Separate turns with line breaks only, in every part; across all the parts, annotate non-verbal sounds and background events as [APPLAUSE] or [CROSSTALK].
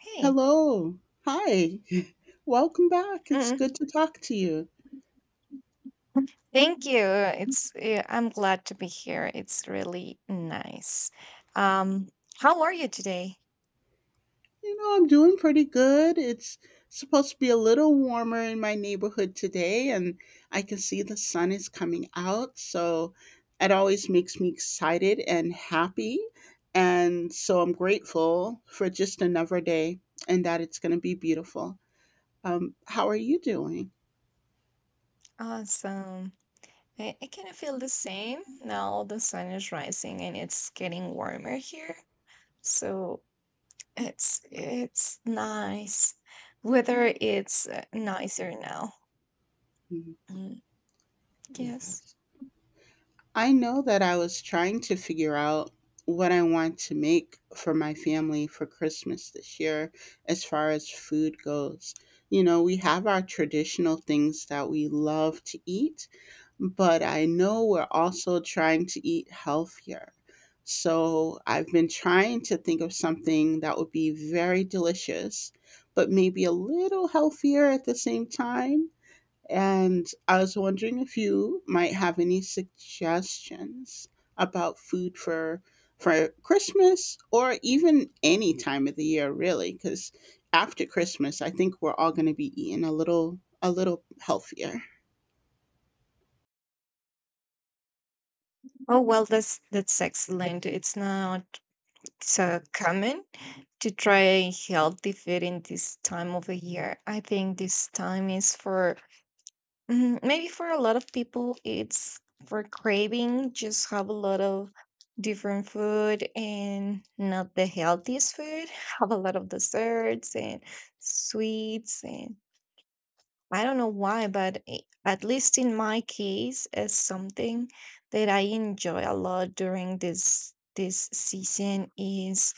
Hey,
Hello. Hi. [LAUGHS] Welcome back. It's good
mm,
to talk to you.
thank you. It's I'm glad to be here. It's really nice. Um, how are you today?
You know, I'm doing pretty good. It's supposed to be a little warmer in my neighborhood today, and I can see the sun is coming out. So it always makes me excited and happy. And so I'm grateful for just another day and that it's going to be beautiful. How are you doing?
Awesome. I kind of feel the same now. The sun is rising and it's getting warmer here, so it's nice. Weather it's nicer now.
Mhm.
Mm, yes.
Yes. I know that I was trying to figure out what I want to make for my family for Christmas this year as far as food goes. You know, we have our traditional things that we love to eat, but I know we're also trying to eat healthier. So I've been trying to think of something that would be very delicious, but maybe a little healthier at the same time. And I was wondering if you might have any suggestions about food for Christmas or even any time of the year, really, cuz after Christmas I think we're all going to be eating a little healthier.
Oh well, that's excellent. It's not it's common to try healthy food in this time of the year. I think this time is for maybe for a lot of people, it's for craving, just have a lot of different food and not the healthiest food, [LAUGHS] have a lot of desserts and sweets. And I don't know why, but at least in my case, it's something that I enjoy a lot during this. This season is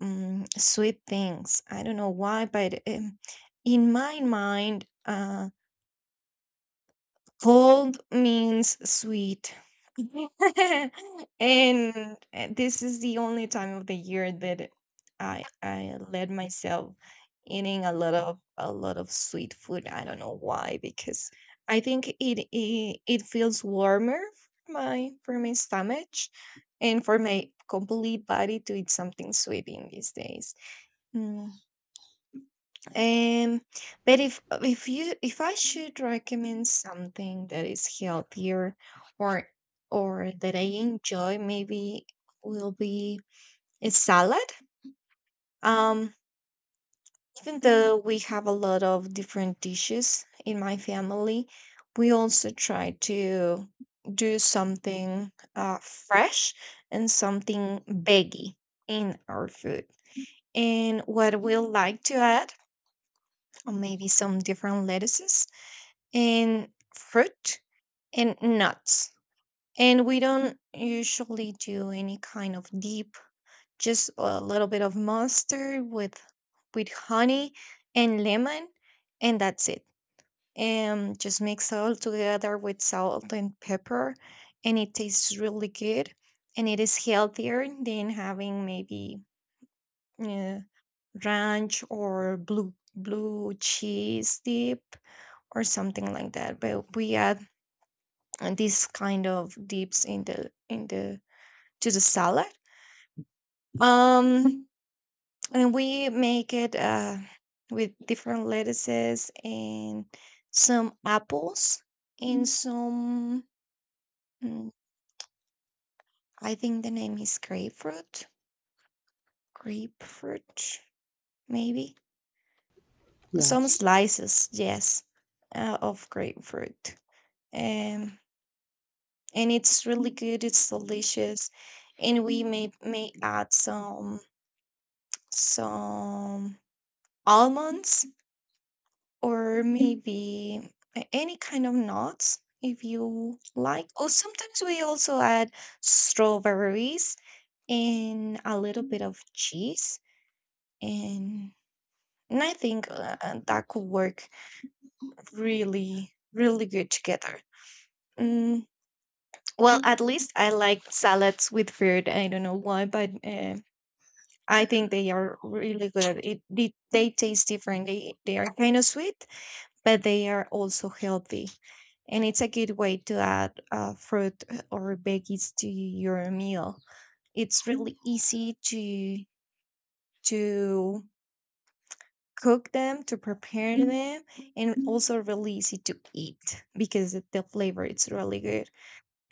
Mm, sweet things. I don't know why, but in my mind, cold means sweet. [LAUGHS] and this is the only time of the year that I let myself eating a lot of sweet food. I don't know why, because I think it feels warmer for my stomach and for my complete body to eat something sweet in these days. Mm. Um, but if you if I should recommend something that is healthier or or that I enjoy, maybe will be a salad. Um, even though we have a lot of different dishes in my family, we also try to do something fresh and something veggie in our food. And what we'll like to add, or maybe some different lettuces and fruit and nuts. And we don't usually do any kind of deep, just a little bit of mustard with honey and lemon, and that's it. And just mix all together with salt and pepper, and it tastes really good. And it is healthier than having maybe uh, ranch or blue cheese dip or something like that. But we add and this kind of dips in the to the salad um and we make it with different lettuces and some apples and some mm, I think the name is grapefruit maybe some
Yes.
slices, yes, of grapefruit. Um and it's really good, it's delicious, and we may add some almonds or maybe any kind of nuts if you like. Or sometimes we also add strawberries and a little bit of cheese. And, and I think that could work really, really good together. Mm, well, at least I like salads with fruit. I don't know why, but I think they are really good. It, they taste different. They are kind of sweet, but they are also healthy. And it's a good way to add fruit or veggies to your meal. It's really easy to cook them, to prepare them, and also really easy to eat because the flavor is really good.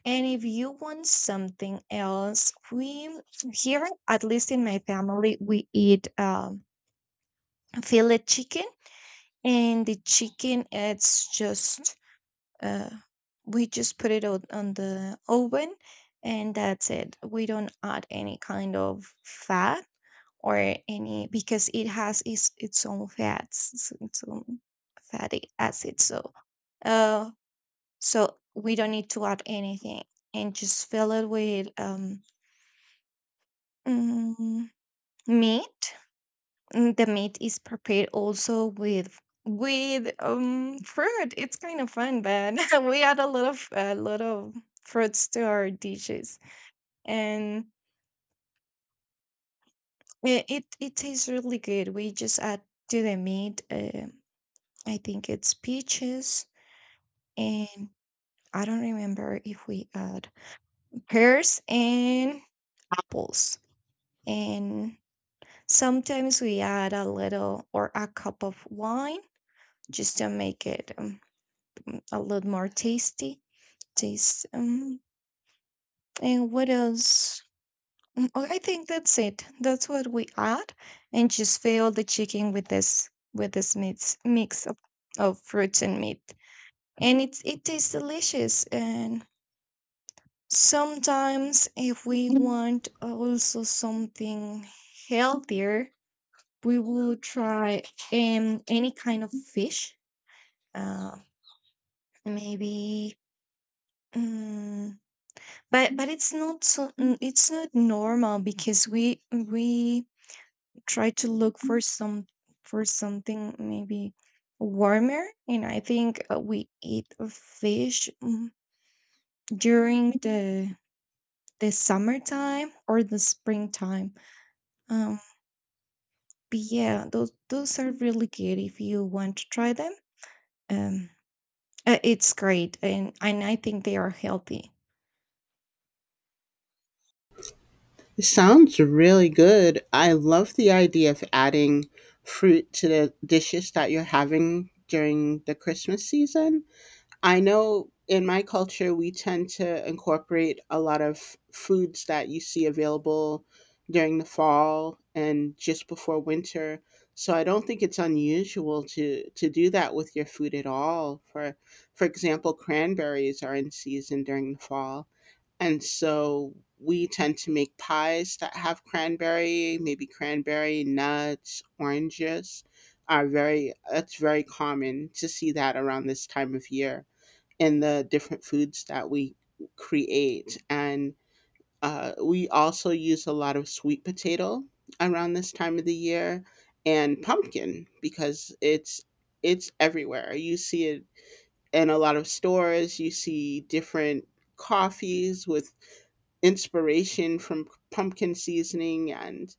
And if you want something else, we here at least in my family we eat fillet chicken, and the chicken it's just uh, we just put it on the oven, and that's it, we don't add any kind of fat or any because it has its own fats its own fatty acid, so uh so we don't need to add anything, and just fill it with mm, meat. The meat is prepared also with fruit. It's kind of fun, but [LAUGHS] we add a lot of fruits to our dishes, and it tastes really good. We just add to the meat. I think it's peaches, and I don't remember if we add pears and apples, and sometimes we add a little or a cup of wine just to make it. A lot more tasty taste. And what else? Oh, I think that's it. That's what we add, and just fill the chicken with this mix of fruits and meat, and it tastes delicious. And sometimes, if we want also something healthier, we will try any kind of fish. Uh, maybe. Mm, but it's not so it's not normal because we try to look for some for something maybe warmer, and I think we eat fish during the summertime or the springtime. Um, but yeah, those are really good if you want to try them. Um, it's great, and I think they are healthy.
It sounds really good. I love the idea of adding fruit to the dishes that you're having during the Christmas season. I know in my culture, we tend to incorporate a lot of foods that you see available during the fall and just before winter. So I don't think it's unusual to do that with your food at all. For example, cranberries are in season during the fall. And so we tend to make pies that have cranberry, maybe cranberry nuts. Oranges are very, it's very common to see that around this time of year in the different foods that we create. And we also use a lot of sweet potato around this time of the year, and pumpkin, because it's everywhere. You see it in a lot of stores. You see different coffees with inspiration from pumpkin seasoning, and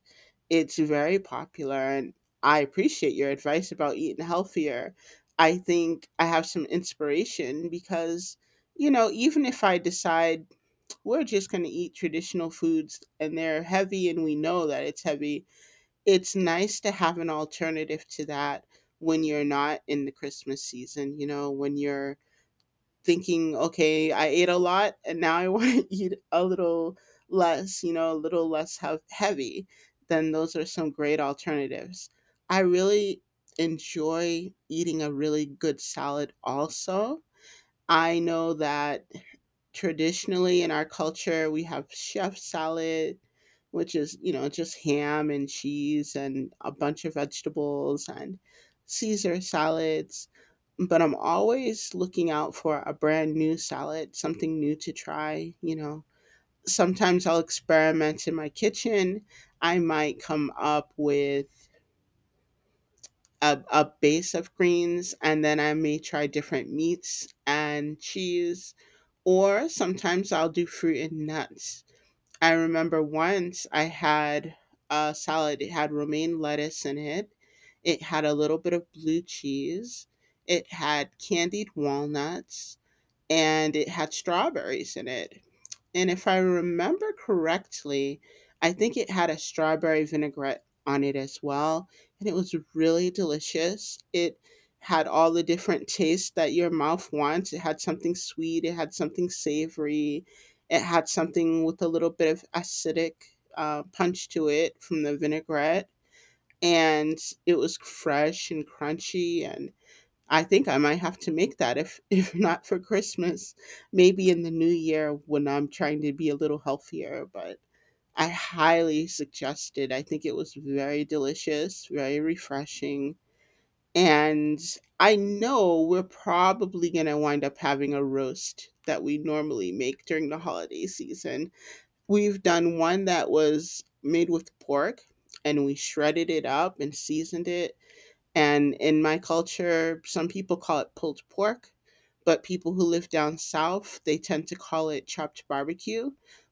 it's very popular. And I appreciate your advice about eating healthier. I think I have some inspiration, because, you know, even if I decide we're just going to eat traditional foods and they're heavy and we know that it's heavy, it's nice to have an alternative to that when you're not in the Christmas season, you know, when you're thinking, okay, I ate a lot and now I [LAUGHS] want to eat a little less, you know, a little less heavy, then those are some great alternatives. I really enjoy eating a really good salad also. I know that traditionally in our culture we have chef salad, which is, you know, just ham and cheese and a bunch of vegetables, and caesar salads, but I'm always looking out for a brand new salad, something new to try, you know. Sometimes I'll experiment in my kitchen. I might come up with a base of greens, and then I may try different meats and cheese, or sometimes I'll do fruit and nuts. I remember once I had a salad. It had romaine lettuce in it, it had a little bit of blue cheese, it had candied walnuts, and it had strawberries in it. And if I remember correctly, I think it had a strawberry vinaigrette on it as well, and it was really delicious. It had all the different tastes that your mouth wants. It had something sweet, it had something savory, it had something with a little bit of acidic punch to it from the vinaigrette. And it was fresh and crunchy, and I think I might have to make that, if [LAUGHS] if not for Christmas, maybe in the new year when I'm trying to be a little healthier, but I highly suggest it. I think it was very delicious, very refreshing. And I know we're probably going to wind up having a roast that we normally make during the holiday season. We've done one that was made with pork, and we shredded it up and seasoned it, and in my culture, some people call it pulled pork, but people who live down south, they tend to call it chopped barbecue.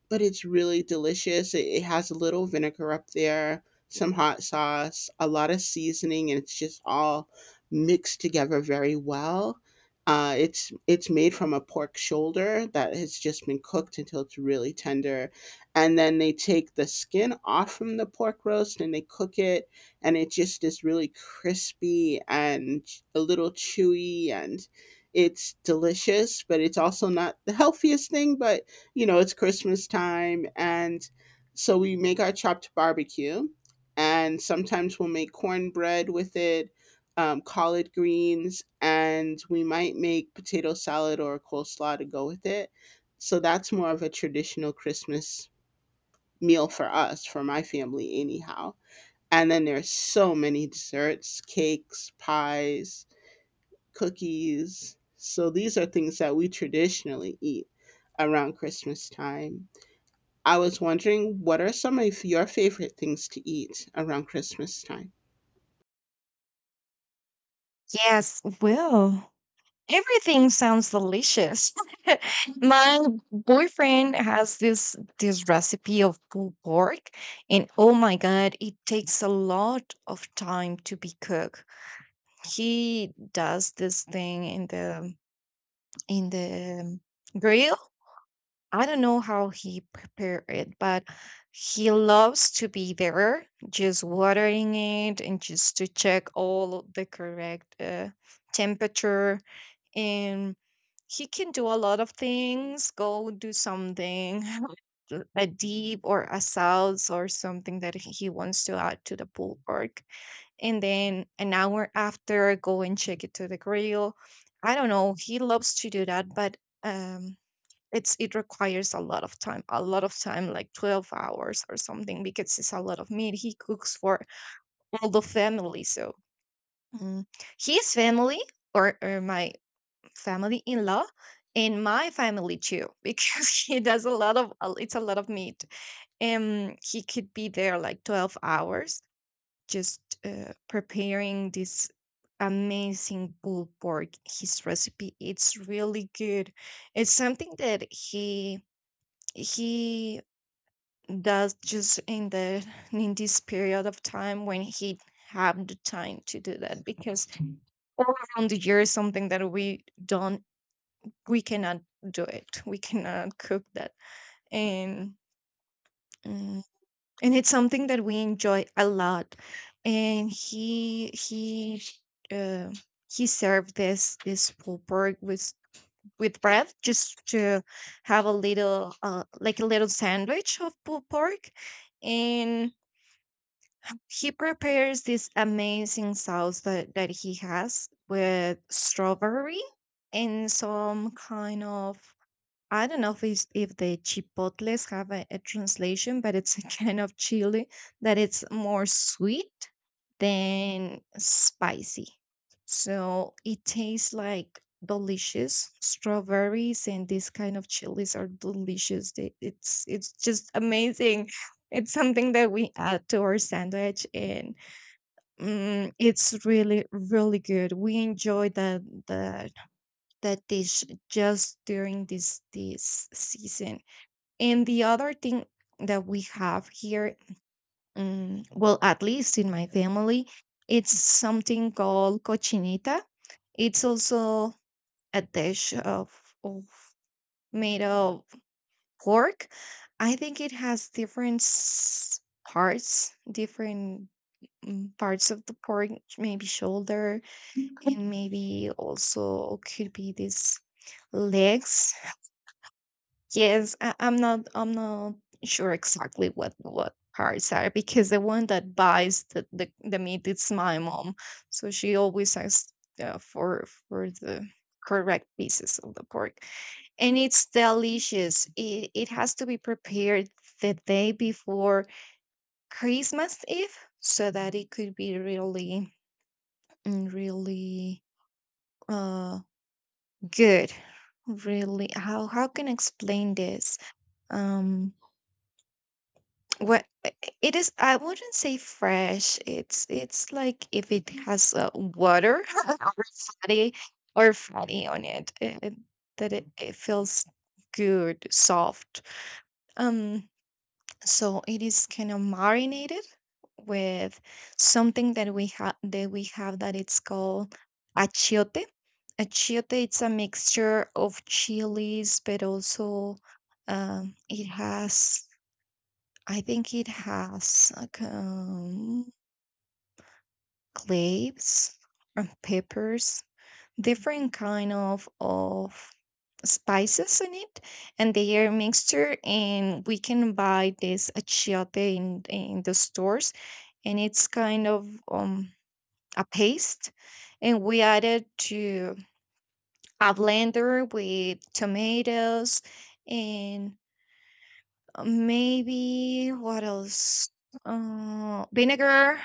But it's really delicious. It has a little vinegar up there, some hot sauce, a lot of seasoning, and it's just all mixed together very well. It's made from a pork shoulder that has just been cooked until it's really tender, and then they take the skin off from the pork roast and they cook it, and it just is really crispy and a little chewy, and it's delicious, but it's also not the healthiest thing. But you know, it's Christmas time, and so we make our chopped barbecue, and sometimes we'll make cornbread with it, collard greens, and we might make potato salad or coleslaw to go with it. So that's more of a traditional Christmas meal for us, for my family anyhow. And then there's so many desserts, cakes, pies, cookies. So these are things that we traditionally eat around Christmas time. I was wondering, what are some of your favorite things to eat around Christmas time?
Yes, well. Everything sounds delicious. [LAUGHS] My boyfriend has this recipe of pulled pork, and oh my god, it takes a lot of time to be cooked. He does this thing in the grill. I don't know how he prepared it, but he loves to be there, just watering it and just to check all the correct temperature. And he can do a lot of things, go do something, [LAUGHS] a deep or a salsa or something that he wants to add to the pulled pork. And then an hour after, go and check it to the grill. I don't know. He loves to do that, but. Um, it's it requires a lot of time like 12 hours or something, because it's a lot of meat, he cooks for all the family, so mm, his family or my family in law and my family too, because [LAUGHS] he does a lot of it's a lot of meat, and he could be there like 12 hours just preparing this amazing pulled pork, his recipe, it's really good. It's something that he does just in the in this period of time when he have the time to do that because all around the year is something that we don't we cannot do it we cannot cook that and mm, and it's something that we enjoy a lot and uh, he served this pulled pork with bread just to have a little like a little sandwich of pulled pork. And he prepares this amazing sauce that, that he has with strawberry and some kind of I don't know if it's, if the chipotles have a translation, but it's [LAUGHS] a kind of chili that it's more sweet than spicy. So it tastes like delicious. Strawberries and this kind of chilies are delicious. They, it's just amazing. It's something that we add to our sandwich, and it's really really good. We enjoy the that dish just during this season. And the other thing that we have here, well, at least in my family, it's something called cochinita. It's also a dish of made of pork. I think it has different parts, different parts of the pork, maybe shoulder, and maybe also could be these legs. Yes, I'm not. I'm not sure exactly what parts are, because the one that buys the meat is my mom, so she always asks for the correct pieces of the pork, and it's delicious. It has to be prepared the day before Christmas Eve so that it could be really really uh good. Really, how can I explain this? Um, what it is, I wouldn't say fresh. It's like if it has water [LAUGHS] or fatty or fatty on it, that it feels good, soft. Um, so it is kind of marinated with something that we have that it's called achiote. Achiote, it's a mixture of chilies, but also it has I think it has like cloves and peppers, different kind of spices in it, and they are mixture. And we can buy this achiote in the stores, and it's kind of a paste, and we add it to a blender with tomatoes and maybe what else? Vinegar.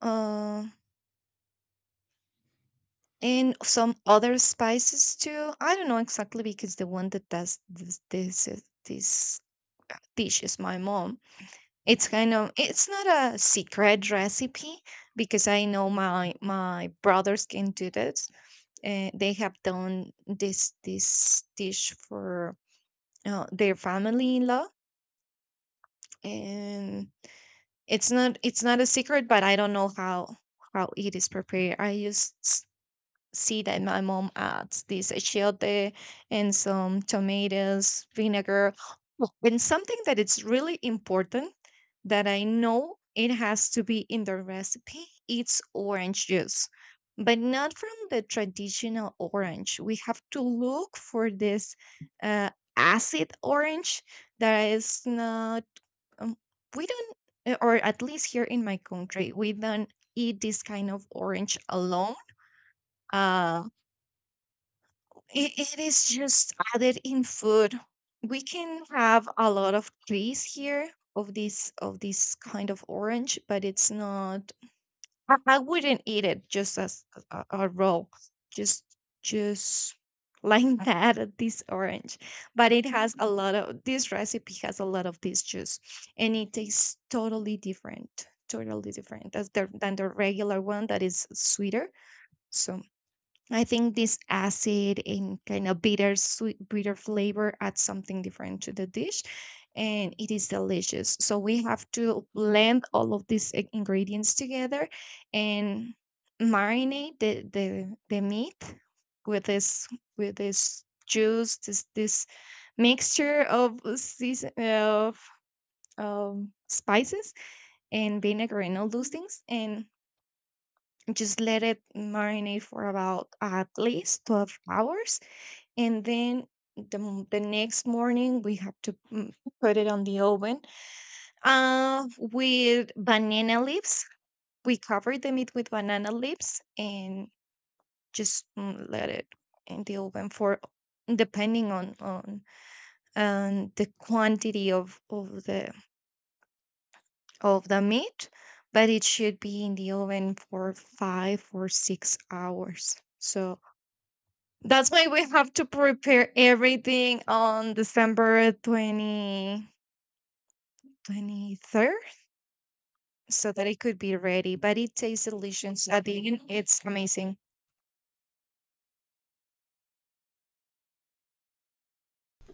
Uh, and some other spices too. I don't know exactly because the one that does this dish is my mom. It's kind of it's not a secret recipe because I know my brothers can do this. They have done this dish for their family in law, and it's not a secret. But I don't know how it is prepared. I use see that my mom adds this achiote and some tomatoes, vinegar. Oh, and something that it's really important that I know it has to be in the recipe. It's orange juice, but not from the traditional orange. We have to look for this uh, acid orange that is not. Um, we don't, or at least here in my country, we don't eat this kind of orange alone. Uh, it, it is just added in food. We can have a lot of trees here of this kind of orange, but it's not. I wouldn't eat it just as a raw, just just, [LAUGHS] like that. This orange, but it has a lot of this recipe has a lot of this juice, and it tastes totally different, than the regular one that is sweeter. So I think this acid and kind of bitter sweet bitter flavor adds something different to the dish, and it is delicious. So we have to blend all of these ingredients together and marinate the meat with this, with this juice, this mixture of season of spices and vinegar and all those things, and just let it marinate for about at least 12 hours. And then the next morning we have to put it on the oven with banana leaves. We cover the meat with banana leaves and just let it in the oven for, depending on the quantity of the of the meat, but it should be in the oven for 5 or 6 hours. So that's why we have to prepare everything on December 20 23rd, so that it could be ready, but it tastes delicious. At the end, it's amazing.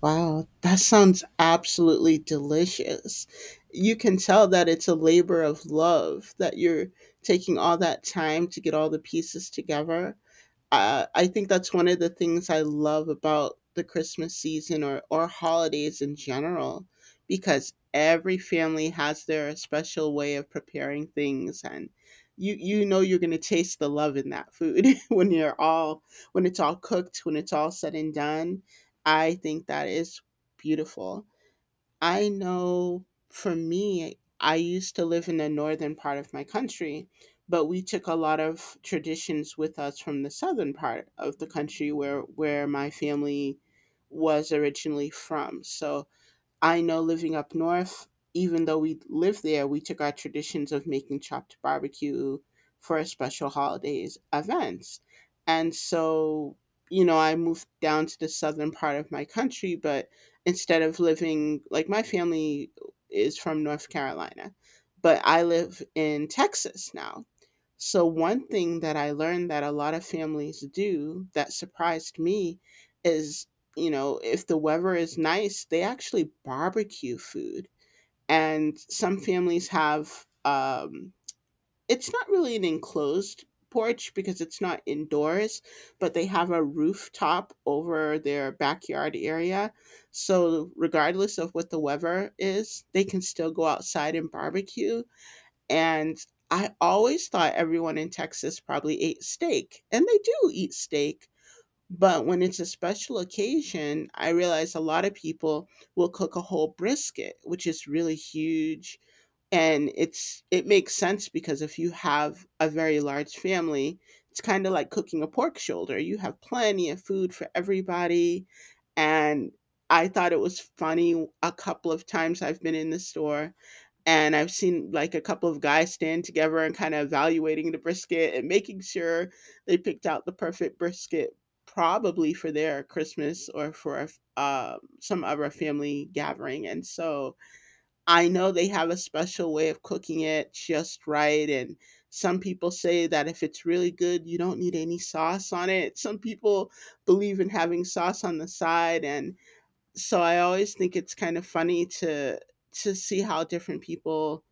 Wow, that sounds absolutely delicious. You can tell that it's a labor of love, that you're taking all that time to get all the pieces together. I think that's one of the things I love about the Christmas season, or holidays in general, because every family has their special way of preparing things, and you know, you're gonna taste the love in that food [LAUGHS] when you're all, when it's all cooked, when it's all said and done. I think that is beautiful. I know for me, I used to live in the northern part of my country, but we took a lot of traditions with us from the southern part of the country, where my family was originally from. So I know, living up north, even though we lived there, we took our traditions of making chopped barbecue for special holidays events. And so, you know, I moved down to the southern part of my country, but instead of living, like, my family is from North Carolina, but I live in Texas now. So, one thing that I learned that a lot of families do, that surprised me, is, you know, if the weather is nice, they actually barbecue food. And some families have, it's not really an enclosed porch because it's not indoors, but they have a rooftop over their backyard area. So, regardless of what the weather is, they can still go outside and barbecue. And I always thought everyone in Texas probably ate steak, and they do eat steak. But when it's a special occasion, I realize a lot of people will cook a whole brisket, which is really huge. And it's, it makes sense, because if you have a very large family, it's kind of like cooking a pork shoulder. You have plenty of food for everybody. And I thought it was funny, a couple of times I've been in the store and I've seen like a couple of guys stand together and kind of evaluating the brisket and making sure they picked out the perfect brisket, probably for their Christmas, or for some other family gathering. And so I know they have a special way of cooking it just right. And some people say that if it's really good, you don't need any sauce on it. Some people believe in having sauce on the side. And so I always think it's kind of funny to see how different people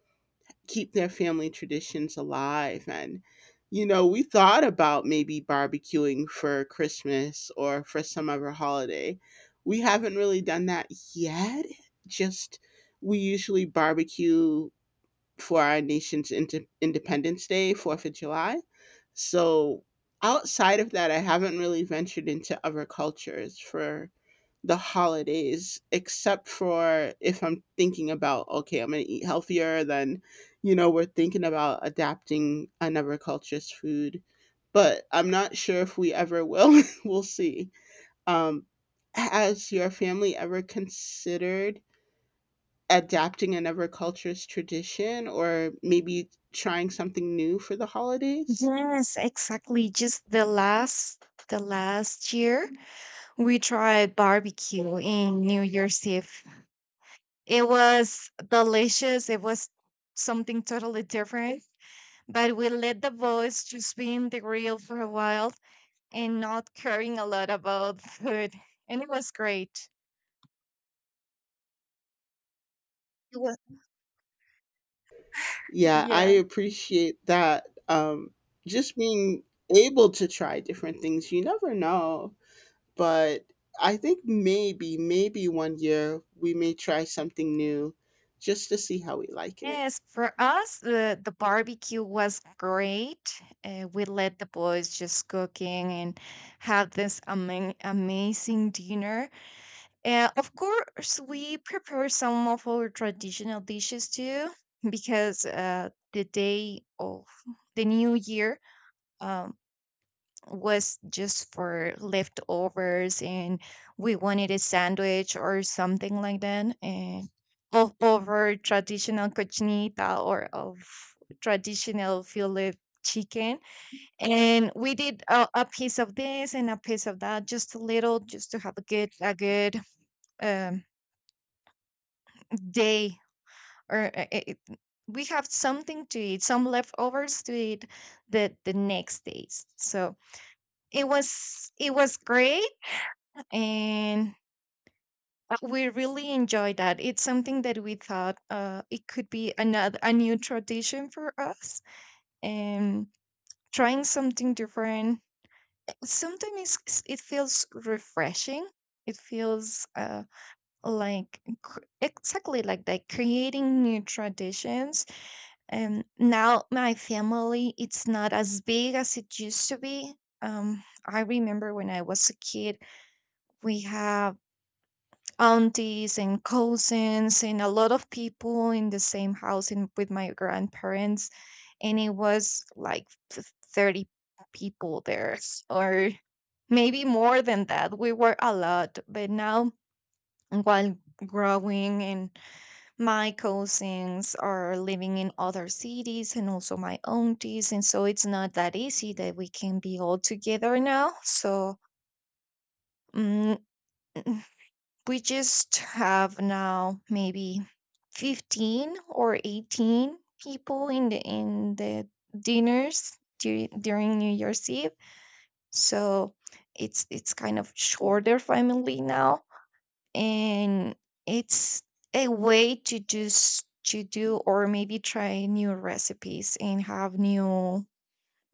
keep their family traditions alive. And you know, we thought about maybe barbecuing for Christmas or for some other holiday. We haven't really done that yet. Just, we usually barbecue for our nation's independence day, 4th of July. So outside of that, I haven't really ventured into other cultures for the holidays, except for, if I'm thinking about, okay, I'm going to eat healthier, then, you know, we're thinking about adapting another culture's food. But I'm not sure if we ever will. [LAUGHS] We'll see. Um has your family ever considered adapting another culture's tradition, or maybe trying something new for the holidays?
Yes, exactly. Just the last year we tried barbecue in New Year's Eve. It was delicious. It was something totally different. But we let the boys just be in the grill for a while and not caring a lot about food. And it was great. It was, [LAUGHS]
Yeah, I
yeah.
appreciate that, um, just being able to try different things. You never know. But I think maybe, maybe one year we may try something new, just to see how we like it.
Yes, for us, the barbecue was great. We let the boys just cooking and had this amazing dinner. Of course, we prepare some of our traditional dishes too, because the day of the new year, um, was just for leftovers, and we wanted a sandwich or something like that, and over traditional cochinita or of traditional fillet chicken. And we did a piece of this and a piece of that, just a little, just to have a good um, day, or it, we have something to eat, some leftovers to eat the next days. So it was great, and we really enjoy that. It's something that we thought it could be another a new tradition for us, and trying something different. Sometimes it feels refreshing. It feels like exactly like that, creating new traditions. And now my family, it's not as big as it used to be. I remember when I was a kid, we have aunties and cousins and a lot of people in the same house in, with my grandparents, and it was like 30 people there, or maybe more than that. We were a lot, but now, while growing, and my cousins are living in other cities and also my aunties, and so it's not that easy that we can be all together now. So mm, we just have now maybe 15 or 18 people in the dinners during New Year's Eve. So it's kind of shorter family now, and it's a way to just to do or maybe try new recipes and have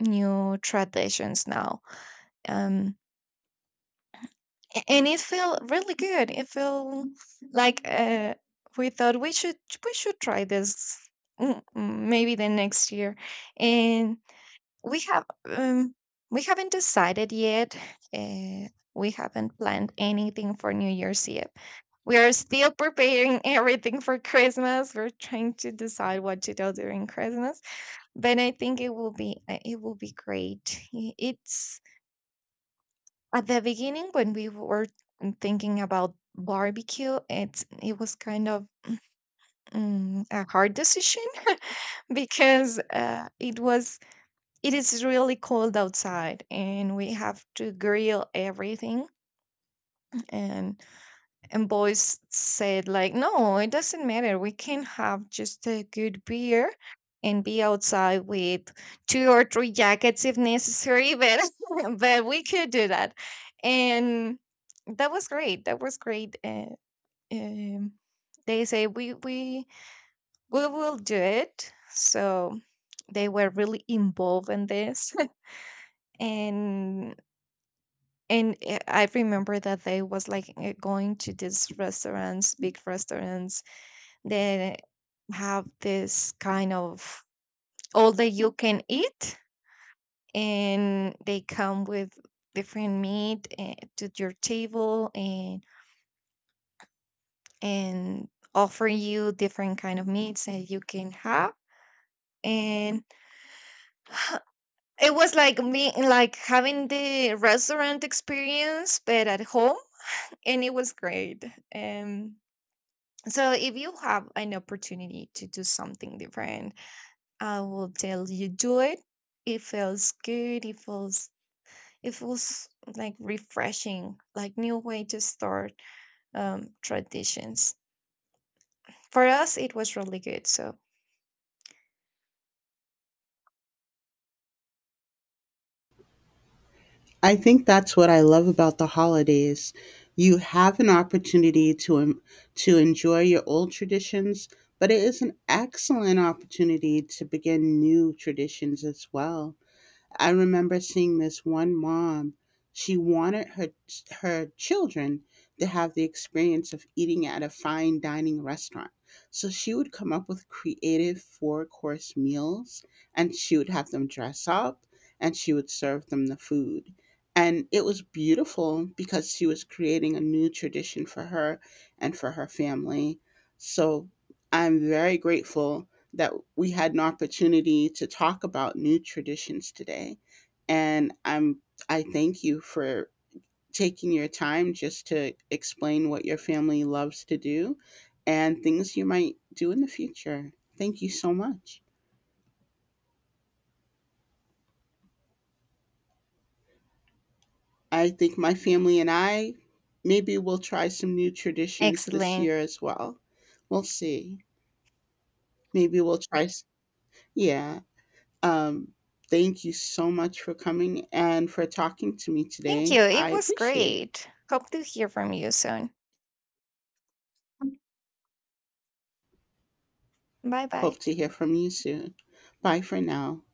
new traditions now. um and it felt really good. It felt like we thought we should try this. Maybe the next year, and we have we haven't decided yet. Uh, we haven't planned anything for New Year's yet. We are still preparing [LAUGHS] everything for Christmas. We're trying to decide what to do during Christmas, but I think it will be great. It's, at the beginning, when we were thinking about barbecue, it was kind of a hard decision [LAUGHS] because it was, it is really cold outside, and we have to grill everything. and And boys said, like, no, it doesn't matter. We can have just a good beer and be outside with two or three jackets if necessary, but [LAUGHS] but we could do that. And that was great. That was great. Um, they say we will do it. So they were really involved in this, [LAUGHS] and and I remember that they was like going to these restaurants, big restaurants. They have this kind of all that you can eat, and they come with different meat, to your table, and offer you different kind of meats that you can have. And [SIGHS] it was like me like having the restaurant experience but at home, and it was great. um so if you have an opportunity to do something different, I will tell you, do it. It feels good. It feels like refreshing, like new way to start traditions. For us, it was really good. So
I think that's what I love about the holidays. You have an opportunity to to enjoy your old traditions, but it is an excellent opportunity to begin new traditions as well. I remember seeing this one mom. She wanted her her children to have the experience of eating at a fine dining restaurant. So she would come up with creative four course meals, and she would have them dress up, and she would serve them the food. And it was beautiful because she was creating a new tradition for her and for her family. So I'm very grateful that we had an opportunity to talk about new traditions today. And I thank you for taking your time just to explain what your family loves to do and things you might do in the future. Thank you so much. I think my family and I, maybe we'll try some new traditions this
excellent.
year as well. We'll see. Maybe we'll try s- yeah. Um Thank you so much for coming and for talking to me
Thank you.
today. I
It was
appreciate it.
great. Hope to hear from you soon. Bye bye.
Hope to hear from you soon. Bye for now.